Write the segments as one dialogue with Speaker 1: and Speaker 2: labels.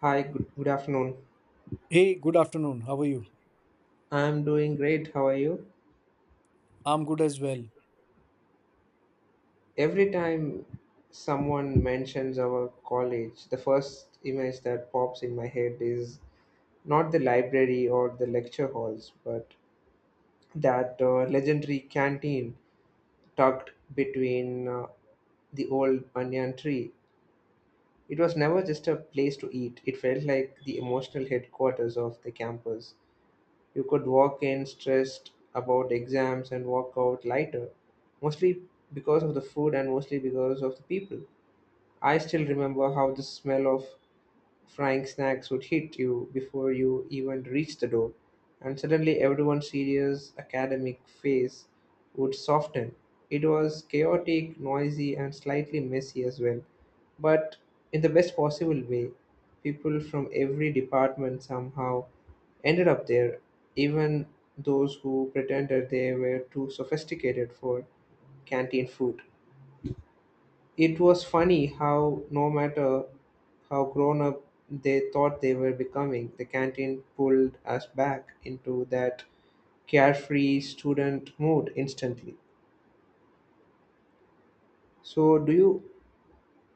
Speaker 1: Hi, good afternoon.
Speaker 2: Hey, good afternoon. How are you?
Speaker 1: I'm doing great. How are you?
Speaker 2: I'm good as well.
Speaker 1: Every time someone mentions our college, the first image that pops in my head is not the library or the lecture halls, but that legendary canteen tucked between the old banyan tree. It was never just a place to eat, it felt like the emotional headquarters of the campus. You could walk in stressed about exams and walk out lighter, mostly because of the food and mostly because of the people. I still remember how the smell of frying snacks would hit you before you even reached the door, and suddenly everyone's serious academic face would soften. It was chaotic, noisy, and slightly messy as well, but in the best possible way. People from every department somehow ended up there, even those who pretended they were too sophisticated for canteen food. It was funny how, no matter how grown up they thought they were becoming, the canteen pulled us back into that carefree student mood instantly. So, do you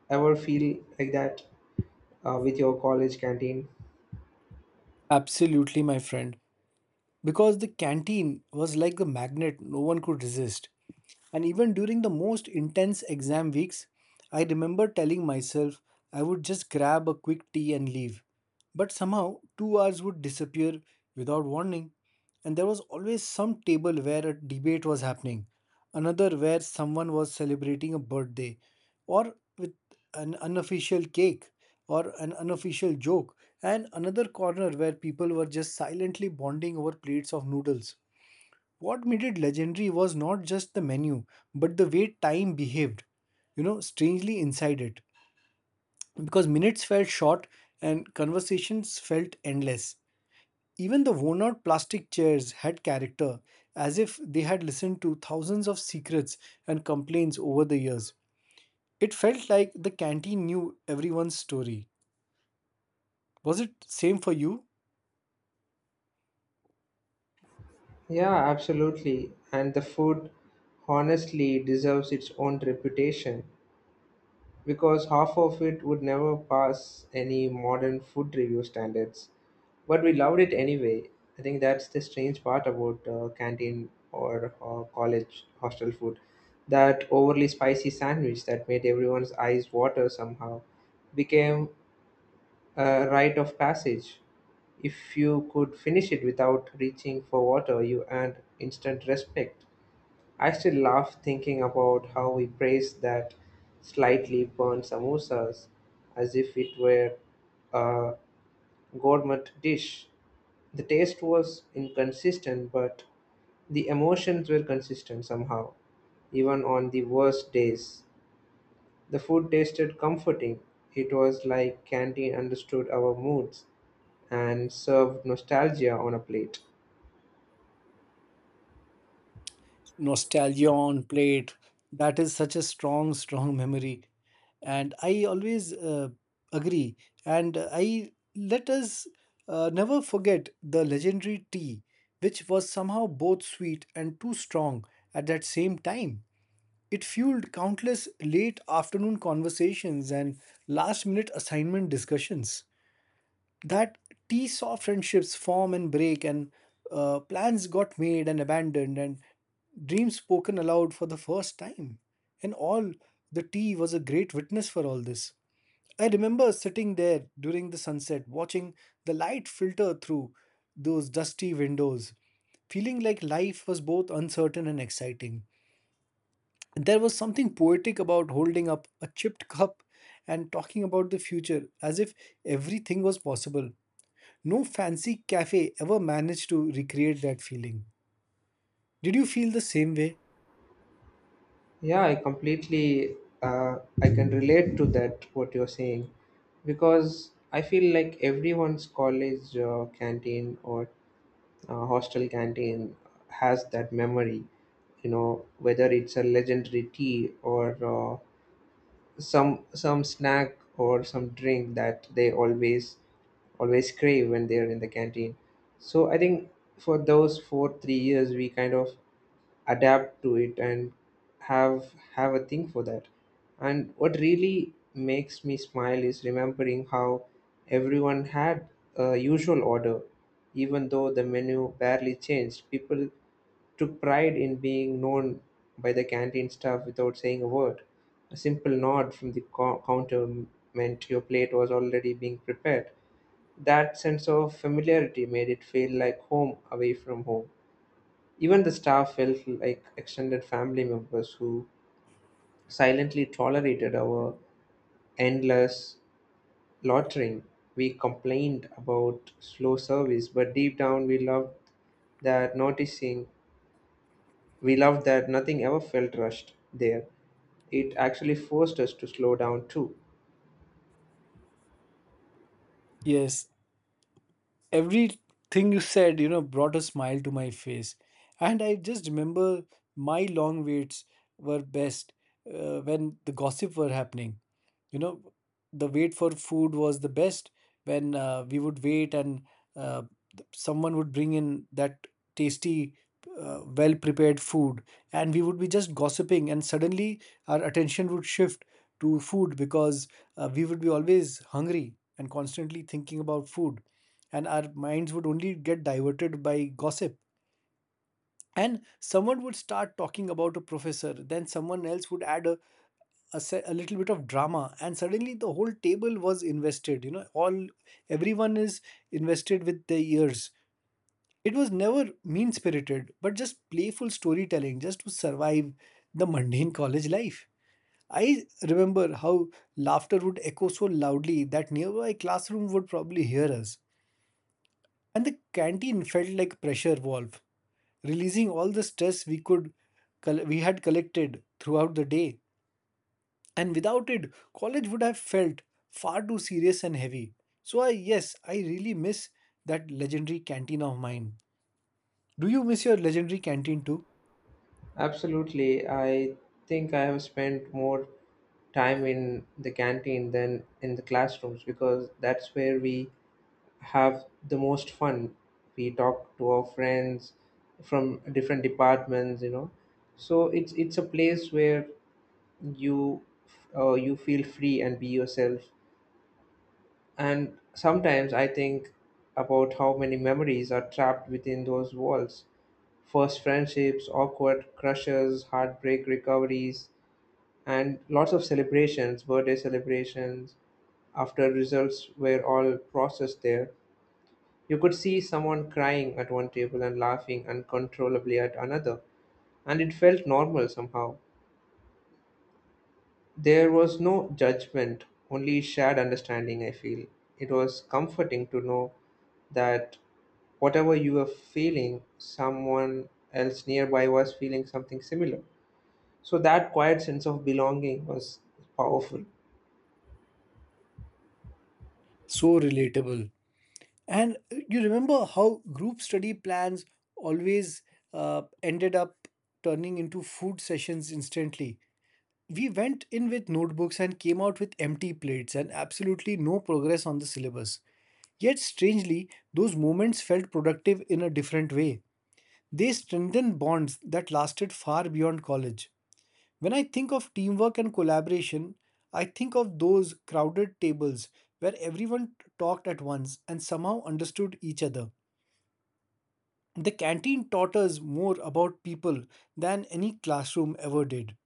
Speaker 1: ever feel like that with your college canteen?
Speaker 2: Absolutely, my friend. Because the canteen was like a magnet no one could resist. And even during the most intense exam weeks, I remember telling myself I would just grab a quick tea and leave. But somehow, 2 hours would disappear without warning, and there was always some table where a debate was happening, another where someone was celebrating a birthday, or with an unofficial cake, or an unofficial joke, and another corner where people were just silently bonding over plates of noodles. What made it legendary was not just the menu, but the way time behaved, you know, strangely inside it. Because minutes felt short and conversations felt endless. Even the worn out plastic chairs had character, as if they had listened to thousands of secrets and complaints over the years. It felt like the canteen knew everyone's story. Was it same for you?
Speaker 1: Yeah, absolutely. And the food honestly deserves its own reputation, because half of it would never pass any modern food review standards. But we loved it anyway. I think that's the strange part about canteen or college hostel food. That overly spicy sandwich that made everyone's eyes water somehow became a rite of passage. If you could finish it without reaching for water, you earned instant respect. I still laugh thinking about how we praised that slightly burnt samosas as if it were a gourmet dish. The taste was inconsistent, but the emotions were consistent somehow, even on the worst days. The food tasted comforting. It was like candy understood our moods and served nostalgia on a plate.
Speaker 2: Nostalgion plate, that is such a strong memory, and I always agree, and I let us never forget the legendary tea, which was somehow both sweet and too strong at that same time. It fueled countless late afternoon conversations and last minute assignment discussions. That tea saw friendships form and break, and plans got made and abandoned, and dreams spoken aloud for the first time, and all the tea was a great witness for all this. I remember sitting there during the sunset watching the light filter through those dusty windows, feeling like life was both uncertain and exciting. There was something poetic about holding up a chipped cup and talking about the future as if everything was possible. No fancy cafe ever managed to recreate that feeling. Did you feel the same way?
Speaker 1: Yeah, I completely, I can relate to that what you're saying, because I feel like everyone's college canteen or hostel canteen has that memory, you know, whether it's a legendary tea or uh, some snack or some drink that they always crave when they're in the canteen. So I think for those 4 3 years we kind of adapt to it and have a thing for that. And what really makes me smile is remembering how everyone had a usual order. Even though the menu barely changed, people took pride in being known by the canteen staff without saying a word. A simple nod from the counter meant your plate was already being prepared. That sense of familiarity made it feel like home away from home. Even the staff felt like extended family members who silently tolerated our endless loitering. We complained about slow service, but deep down that noticing we loved that nothing ever felt rushed there. It actually forced us to slow down too.
Speaker 2: Yes, everything you said, you know, brought a smile to my face. And I just remember my long waits were best when the gossip were happening. You know, the wait for food was the best when we would wait and uh, someone would bring in that tasty, well prepared food. And we would be just gossiping, and suddenly our attention would shift to food because we would be always hungry and constantly thinking about food, and our minds would only get diverted by gossip, and someone would start talking about a professor, then someone else would add a little bit of drama, and suddenly the whole table was invested, you know, all everyone is invested with their ears. It was never mean spirited but just playful storytelling just to survive the mundane college life. I remember how laughter would echo so loudly that nearby classroom would probably hear us. And the canteen felt like pressure valve, releasing all the stress we we had collected throughout the day. And without it, college would have felt far too serious and heavy. So I, yes, I really miss that legendary canteen of mine. Do you miss your legendary canteen too?
Speaker 1: Absolutely, I think I have spent more time in the canteen than in the classrooms, because that's where we have the most fun. We talk to our friends from different departments, you know. So it's a place where you, you feel free and be yourself. And sometimes I think about how many memories are trapped within those walls. First friendships, awkward crushes, heartbreak recoveries, and lots of celebrations, birthday celebrations, after results were all processed there. You could see someone crying at one table and laughing uncontrollably at another, and it felt normal somehow. There was no judgment, only shared understanding, I feel. It was comforting to know that whatever you were feeling, someone else nearby was feeling something similar. So that quiet sense of belonging was powerful.
Speaker 2: So relatable. And you remember how group study plans always ended up turning into food sessions instantly. We went in with notebooks and came out with empty plates and absolutely no progress on the syllabus. Yet, strangely, those moments felt productive in a different way. They strengthened bonds that lasted far beyond college. When I think of teamwork and collaboration, I think of those crowded tables where everyone talked at once and somehow understood each other. The canteen taught us more about people than any classroom ever did.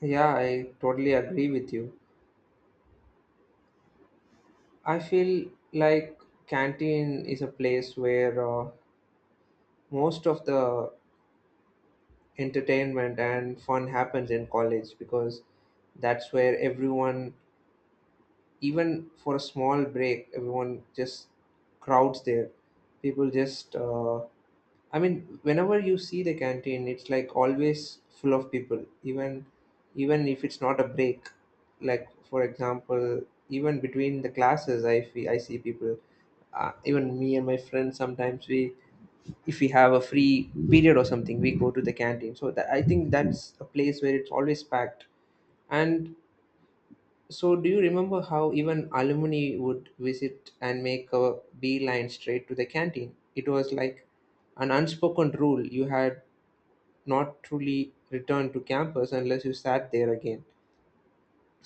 Speaker 1: Yeah, I totally agree with you. I feel like canteen is a place where, most of the entertainment and fun happens in college, because that's where everyone, even for a small break, everyone just crowds there. People just, I mean, whenever you see the canteen it's like always full of people, even if it's not a break. Like for example, even between the classes, I feel I see people, even me and my friends sometimes. We, if we have a free period or something, we go to the canteen. So that, I think that's a place where it's always packed. And so, do you remember how even alumni would visit and make a beeline straight to the canteen? It was like an unspoken rule, you had not truly returned to campus unless you sat there again.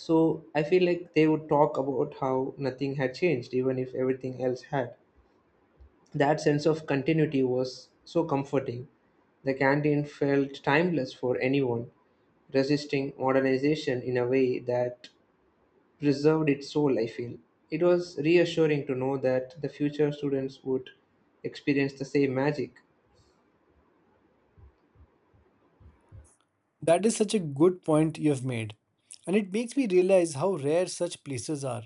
Speaker 1: So I feel like they would talk about how nothing had changed, even if everything else had. That sense of continuity was so comforting. The canteen felt timeless for anyone, resisting modernization in a way that preserved its soul, I feel. It was reassuring to know that the future students would experience the same magic.
Speaker 2: That is such a good point you have made. And it makes me realize how rare such places are.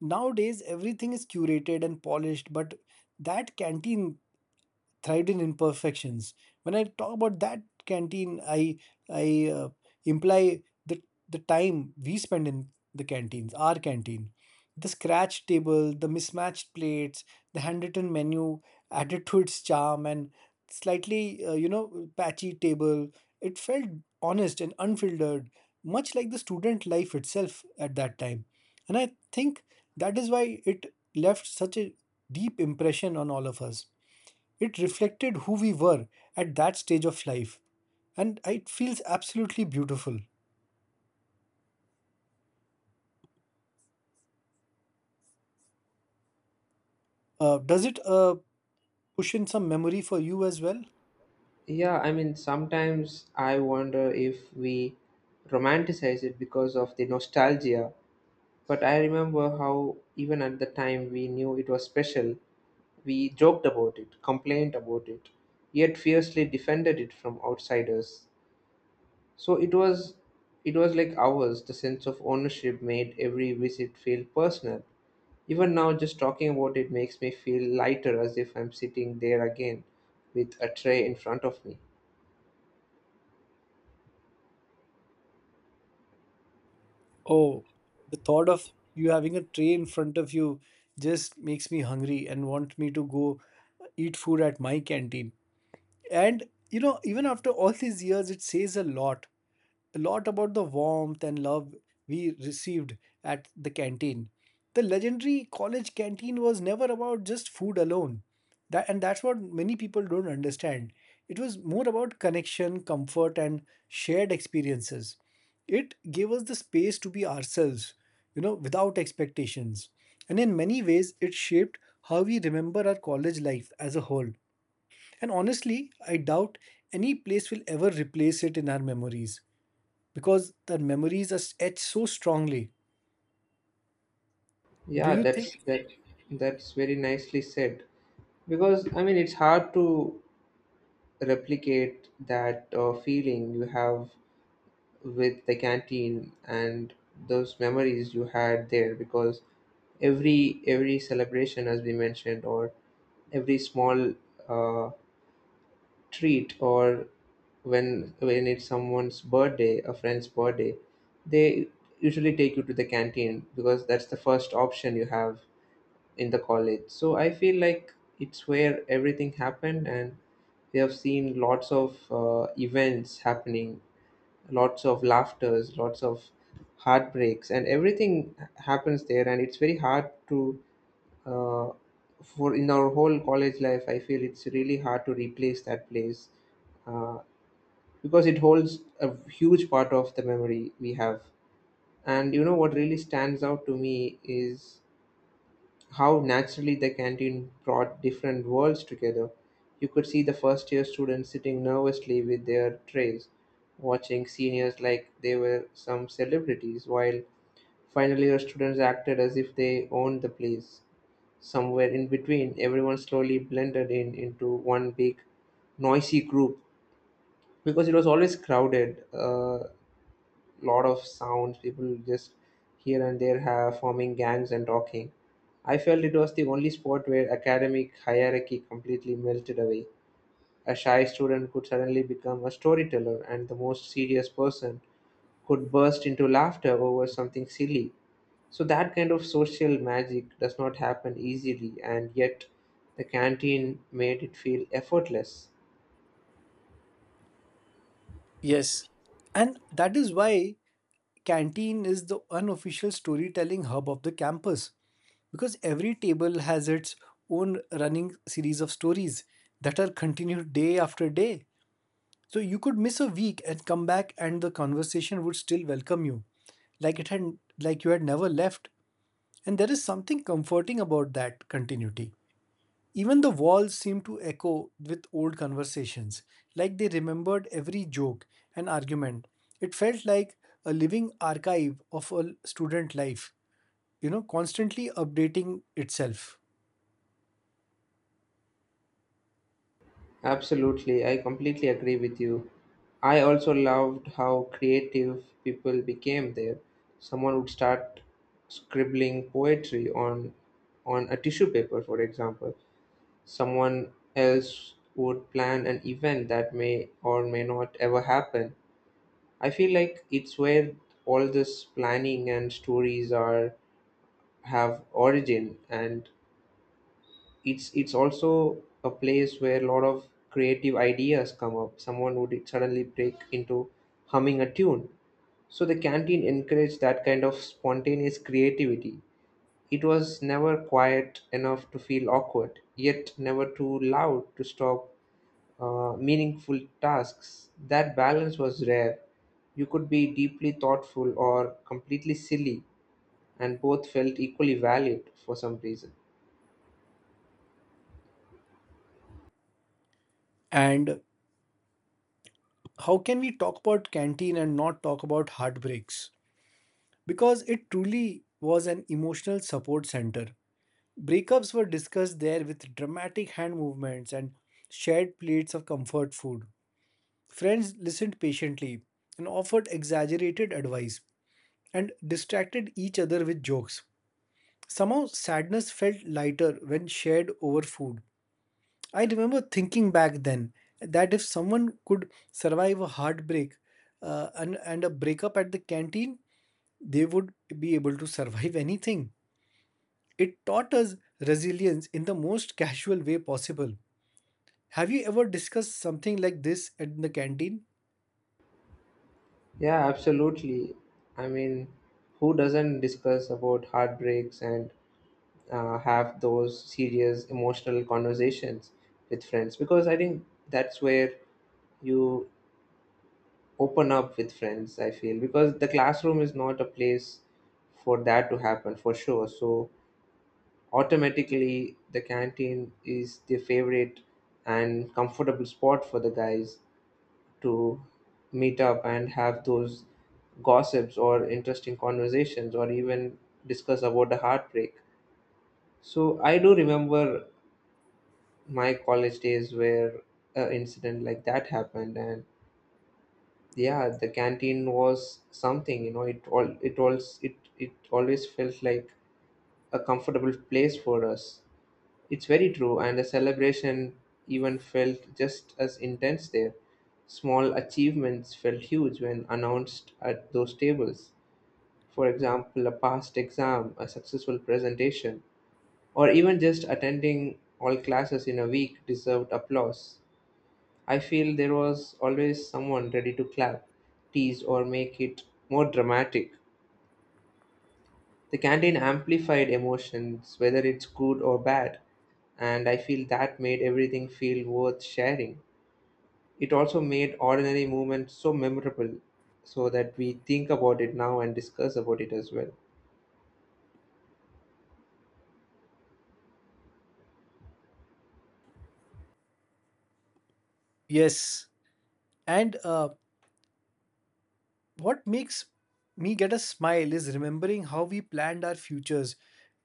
Speaker 2: Nowadays, everything is curated and polished, but that canteen thrived in imperfections. When I talk about that canteen, I imply the time we spend in the canteens, our canteen, the scratch table, the mismatched plates, the handwritten menu added to its charm, and slightly you know, patchy table. It felt honest and unfiltered, much like the student life itself at that time, and I think that is why it left such a deep impression on all of us. It reflected who we were at that stage of life, and it feels absolutely beautiful. Does it push in some memory for you as well?
Speaker 1: Yeah, I mean, sometimes I wonder if we romanticize it because of the nostalgia, but I remember how, even at the time, we knew it was special. We joked about it, complained about it, yet fiercely defended it from outsiders. So it was like ours, the sense of ownership made every visit feel personal. Even now, just talking about it makes me feel lighter, as if I'm sitting there again with a tray in front of me.
Speaker 2: Oh, the thought of you having a tray in front of you just makes me hungry and want me to go eat food at my canteen. And you know, even after all these years, it says a lot about the warmth and love we received at the canteen. The legendary college canteen was never about just food alone. That, and that's what many people don't understand. It was more about connection, comfort, and shared experiences. It gave us the space to be ourselves, you know, without expectations. And in many ways, it shaped how we remember our college life as a whole. And honestly, I doubt any place will ever replace it in our memories because their memories are etched so strongly. Do
Speaker 1: Yeah,
Speaker 2: you think?
Speaker 1: that's very nicely said. Because I mean, it's hard to replicate that feeling you have with the canteen and those memories you had there. Because every celebration as we mentioned, or every small, uh, treat, or when it's someone's birthday, a friend's birthday, they usually take you to the canteen, because that's the first option you have in the college. So I feel like it's where everything happened, and we have seen lots of events happening, lots of laughters, lots of heartbreaks, and everything happens there. And it's very hard to, uh, for in our whole college life, I feel it's really hard to replace that place, uh, because it holds a huge part of the memory we have. And you know what really stands out to me is how naturally the canteen brought different worlds together. You could see the first year students sitting nervously with their trays, watching seniors like they were some celebrities, while final year students acted as if they owned the place. Somewhere in between, everyone slowly blended in into one big, noisy group, because it was always crowded. Lot of sounds. People just here and there have forming gangs and talking. I felt it was the only spot where academic hierarchy completely melted away. A shy student could suddenly become a storyteller, and the most serious person could burst into laughter over something silly. So, that kind of social magic does not happen easily, and yet the canteen made it feel effortless.
Speaker 2: Yes. And that is why canteen is the unofficial storytelling hub of the campus, because every table has its own running series of stories that are continued day after day. So you could miss a week and come back and the conversation would still welcome you, like it had, like you had never left, and there is something comforting about that continuity. Even the walls seemed to echo with old conversations, like they remembered every joke and argument. It felt like a living archive of a student life, you know, constantly updating itself.
Speaker 1: Absolutely, I completely agree with you. I also loved how creative people became there. Someone would start scribbling poetry on, a tissue paper, for example. Someone else would plan an event that may or may not ever happen. I feel like it's where all this planning and stories are have origin, and it's also a place where a lot of creative ideas come up. Someone would suddenly break into humming a tune. So the canteen encouraged that kind of spontaneous creativity. It was never quiet enough to feel awkward, yet never too loud to stop meaningful tasks. That balance was rare. You could be deeply thoughtful or completely silly, and both felt equally valid for some reason.
Speaker 2: And how can we talk about canteen and not talk about heartbreaks? Because it truly was an emotional support center. Breakups were discussed there with dramatic hand movements and shared plates of comfort food. Friends listened patiently and offered exaggerated advice and distracted each other with jokes. Somehow, sadness felt lighter when shared over food. I remember thinking back then that if someone could survive a heartbreak and a breakup at the canteen, they would be able to survive anything. It taught us resilience in the most casual way possible. Have you ever discussed something like this in the canteen?
Speaker 1: Yeah, absolutely. I mean, who doesn't discuss about heartbreaks and, have those serious emotional conversations with friends? Because I think that's where you open up with friends, I feel, because the classroom is not a place for that to happen for sure. So automatically, the canteen is the favorite and comfortable spot for the guys to meet up and have those gossips or interesting conversations, or even discuss about the heartbreak. So I do remember my college days where an incident like that happened, and yeah, the canteen was something, you know, it always felt like a comfortable place for us. It's very true, and the celebration even felt just as intense there. Small achievements felt huge when announced at those tables. For example, a past exam, a successful presentation, or even just attending all classes in a week deserved applause. I feel there was always someone ready to clap, tease, or make it more dramatic. The canteen amplified emotions, whether it's good or bad, and I feel that made everything feel worth sharing. It also made ordinary moments so memorable, so that we think about it now and discuss about it as well.
Speaker 2: Yes. And What makes me get a smile is remembering how we planned our futures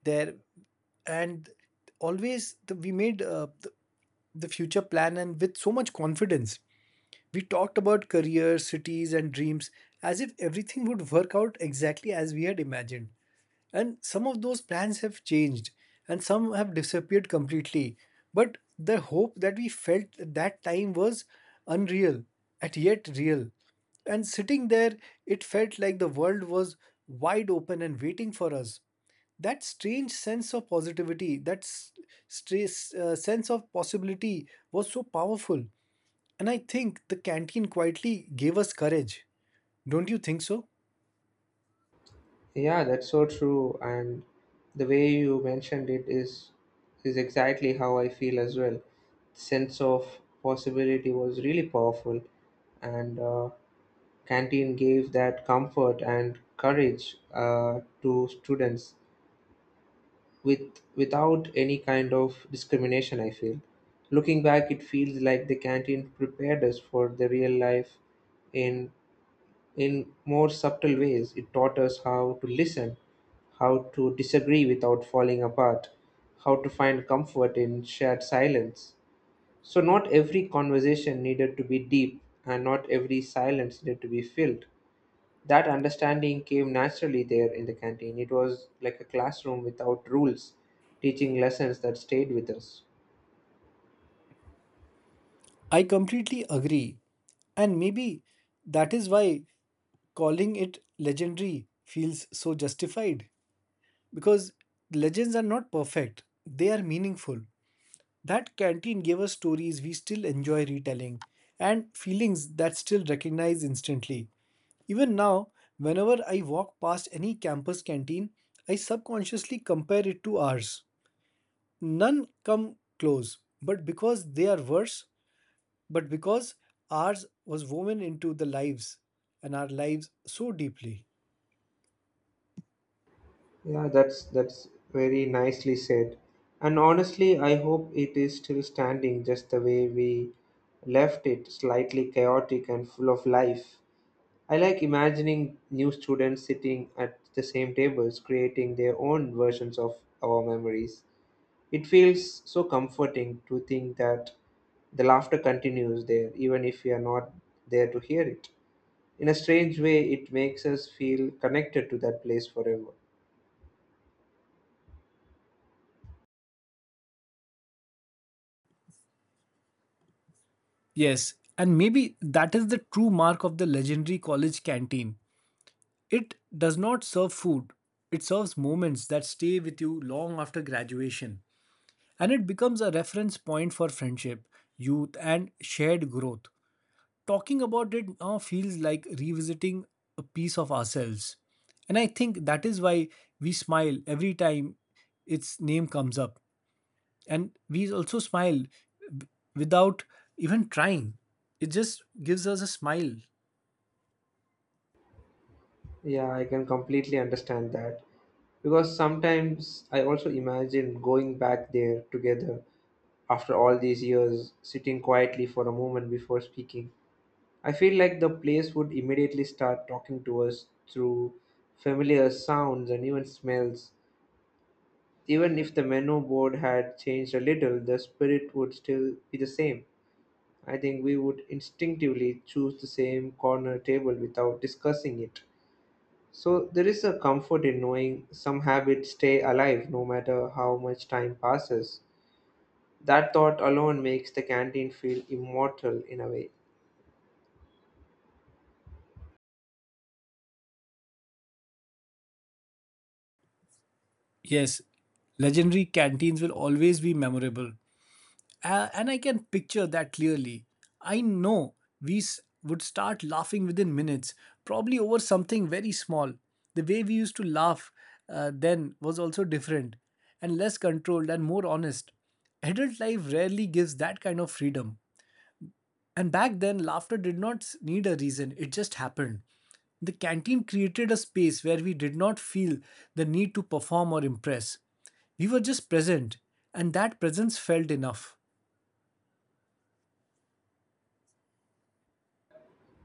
Speaker 2: there, and always we made the future plan and with so much confidence. We talked about careers, cities, and dreams as if everything would work out exactly as we had imagined. And some of those plans have changed and some have disappeared completely. But the hope that we felt at that time was unreal, and yet real. And sitting there, it felt like the world was wide open and waiting for us. That strange sense of positivity, that sense of possibility was so powerful. And I think the canteen quietly gave us courage. Don't you think so?
Speaker 1: Yeah, that's so true. And the way you mentioned it is exactly how I feel as well. Sense of possibility was really powerful, and canteen gave that comfort and courage, to students, without any kind of discrimination. I feel, looking back, it feels like the canteen prepared us for the real life in in more subtle ways. It taught us how to listen, how to disagree without falling apart, how to find comfort in shared silence. So, not every conversation needed to be deep, and not every silence needed to be filled. That understanding came naturally there in the canteen. It was like a classroom without rules, teaching lessons that stayed with us.
Speaker 2: I completely agree. And maybe that is why calling it legendary feels so justified. Because legends are not perfect, they are meaningful. That canteen gave us stories we still enjoy retelling and feelings that still recognize instantly. Even now, whenever I walk past any campus canteen, I subconsciously compare it to ours. None come close, but because they are worse, but because ours was woven into the lives and our lives so deeply.
Speaker 1: Yeah, that's very nicely said. And honestly, I hope it is still standing just the way we left it, slightly chaotic and full of life. I like imagining new students sitting at the same tables, creating their own versions of our memories. It feels so comforting to think that the laughter continues there, even if we are not there to hear it. In a strange way, it makes us feel connected to that place forever.
Speaker 2: Yes, and maybe that is the true mark of the legendary college canteen. It does not serve food, it serves moments that stay with you long after graduation. And it becomes a reference point for friendship, youth, and shared growth. Talking about it now feels like revisiting a piece of ourselves. And I think that is why we smile every time its name comes up. And we also smile w- without even trying, it just gives us a smile.
Speaker 1: Yeah, I can completely understand that. Because sometimes I also imagine going back there together after all these years, sitting quietly for a moment before speaking. I feel like the place would immediately start talking to us through familiar sounds and even smells. Even if the menu board had changed a little, the spirit would still be the same. I think we would instinctively choose the same corner table without discussing it. So there is a comfort in knowing some habits stay alive no matter how much time passes. That thought alone makes the canteen feel immortal in a way.
Speaker 2: Yes, legendary canteens will always be memorable. And I can picture that clearly. I know we would start laughing within minutes, probably over something very small. The way we used to laugh then was also different and less controlled and more honest. Adult life rarely gives that kind of freedom. And back then, laughter did not need a reason, it just happened. The canteen created a space where we did not feel the need to perform or impress. We were just present, and that presence felt enough.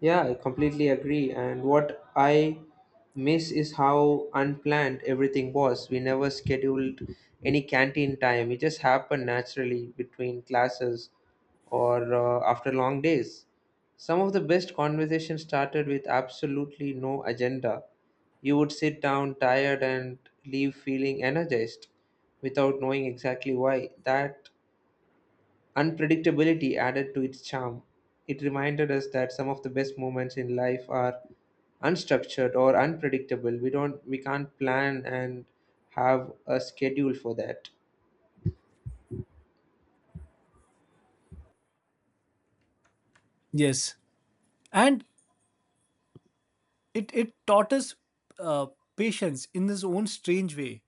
Speaker 1: Yeah, I completely agree. And what I miss is how unplanned everything was. We never scheduled any canteen time, it just happened naturally between classes or after long days. Some of the best conversations started with absolutely no agenda. You would sit down tired and leave feeling energized without knowing exactly why. That unpredictability added to its charm. It reminded us that some of the best moments in life are unstructured or unpredictable. We can't plan and have a schedule for that.
Speaker 2: Yes. And it taught us uh, patience in this own strange way.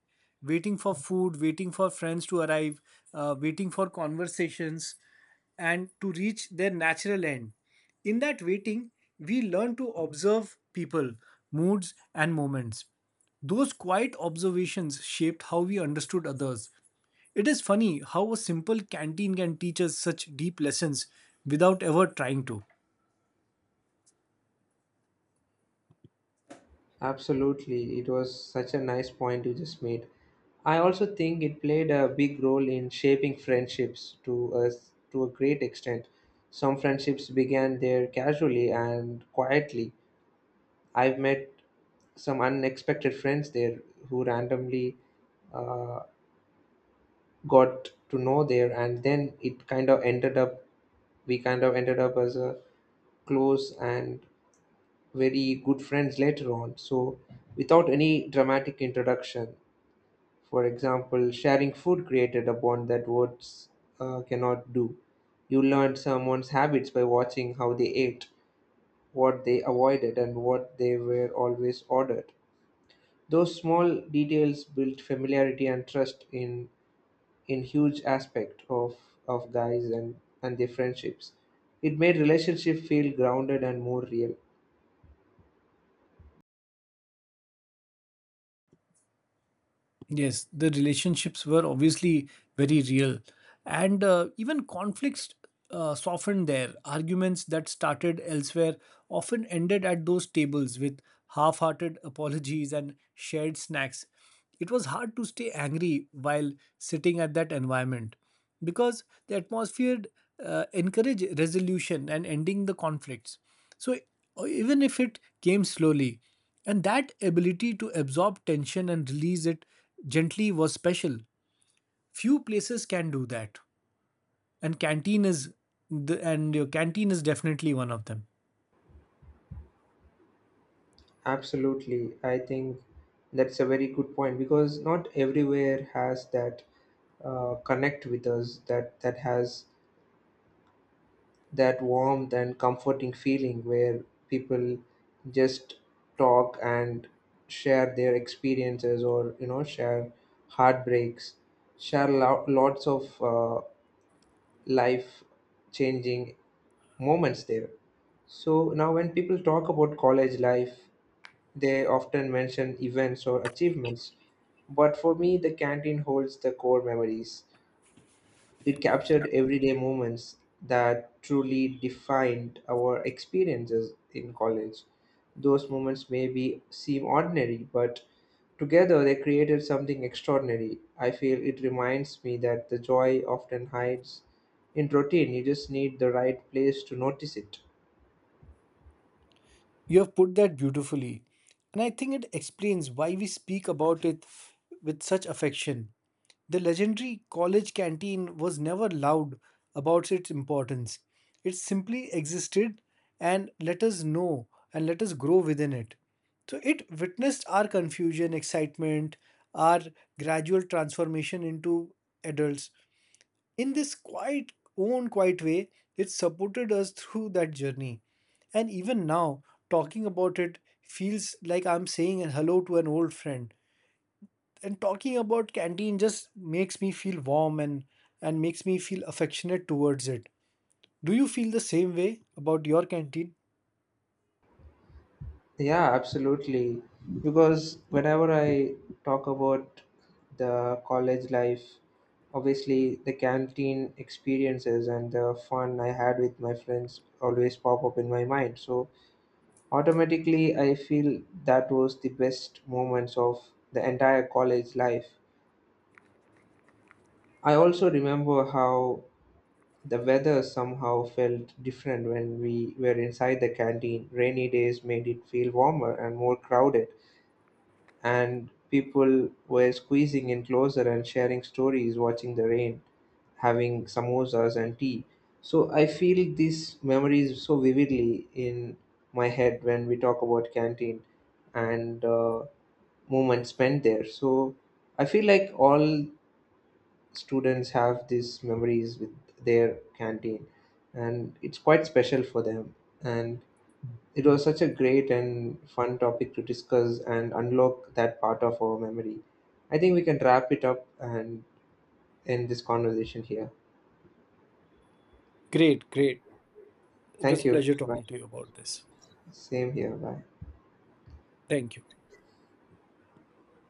Speaker 2: Waiting for food, waiting for friends to arrive, waiting for conversations and to reach their natural end. In that waiting we learn to observe people, moods and moments. Those quiet observations shaped how we understood others. It is funny how a simple canteen can teach us such deep lessons without ever trying to.
Speaker 1: Absolutely. It was such a nice point you just made. I also think it played a big role in shaping friendships to us to a great extent. Some friendships began there casually and quietly. I've met some unexpected friends there who randomly uh, got to know there, and then it kind of ended up we kind of ended up as a close and very good friends later on. So without any dramatic introduction, for example, sharing food created a bond that words cannot do. You learned someone's habits by watching how they ate, what they avoided, and what they were always ordered. Those small details built familiarity and trust in huge aspect of guys and their friendships. It made relationship feel grounded and more real.
Speaker 2: Yes, the relationships were obviously very real. And even conflicts softened there. Arguments that started elsewhere often ended at those tables with half hearted apologies and shared snacks. It was hard to stay angry while sitting at that environment, because the atmosphere encourage resolution and ending the conflicts, so even if it came slowly. And that ability to absorb tension and release it gently was special. Few places can do that, and canteen is and your canteen is definitely one of them.
Speaker 1: Absolutely, I think that's a very good point because not everywhere has that connect with us, that has that warmth and comforting feeling where people just talk and share their experiences, or share heartbreaks, share lots of life changing moments there. So now when people talk about college life, they often mention events or achievements, but for me the canteen holds the core memories. It captured everyday moments that truly defined our experiences in college. Those moments maybe seem ordinary, but together they created something extraordinary. I feel it reminds me that the joy often hides in routine. You just need the right place to notice it.
Speaker 2: You have put that beautifully, and I think it explains why we speak about it with such affection. The legendary college canteen was never loud about its importance. It simply existed and let us know and let us grow within it. So it witnessed our confusion, excitement, our gradual transformation into adults. In this quiet, own quiet way, it supported us through that journey. And even now, talking about it feels like I'm saying hello to an old friend, and talking about canteen just makes me feel warm and makes me feel affectionate towards it. Do you feel the same way about your canteen?
Speaker 1: Yeah, absolutely. Because whenever I talk about the college life, obviously the canteen experiences and the fun I had with my friends always pop up in my mind. So automatically, I feel that was the best moments of the entire college life. I also remember how the weather somehow felt different when we were inside the canteen. Rainy days made it feel warmer and more crowded, and people were squeezing in closer and sharing stories, watching the rain, having samosas and tea. So I feel these memories so vividly in my head when we talk about canteen and moment spent there. So I feel like all students have these memories with their canteen, and it's quite special for them. And it was such a great and fun topic to discuss and unlock that part of our memory. I think we can wrap it up and end this conversation here.
Speaker 2: Great. It was
Speaker 1: Thank
Speaker 2: a
Speaker 1: you.
Speaker 2: pleasure
Speaker 1: Bye.
Speaker 2: talking to you about this.
Speaker 1: Same here. Bye.
Speaker 2: Thank you.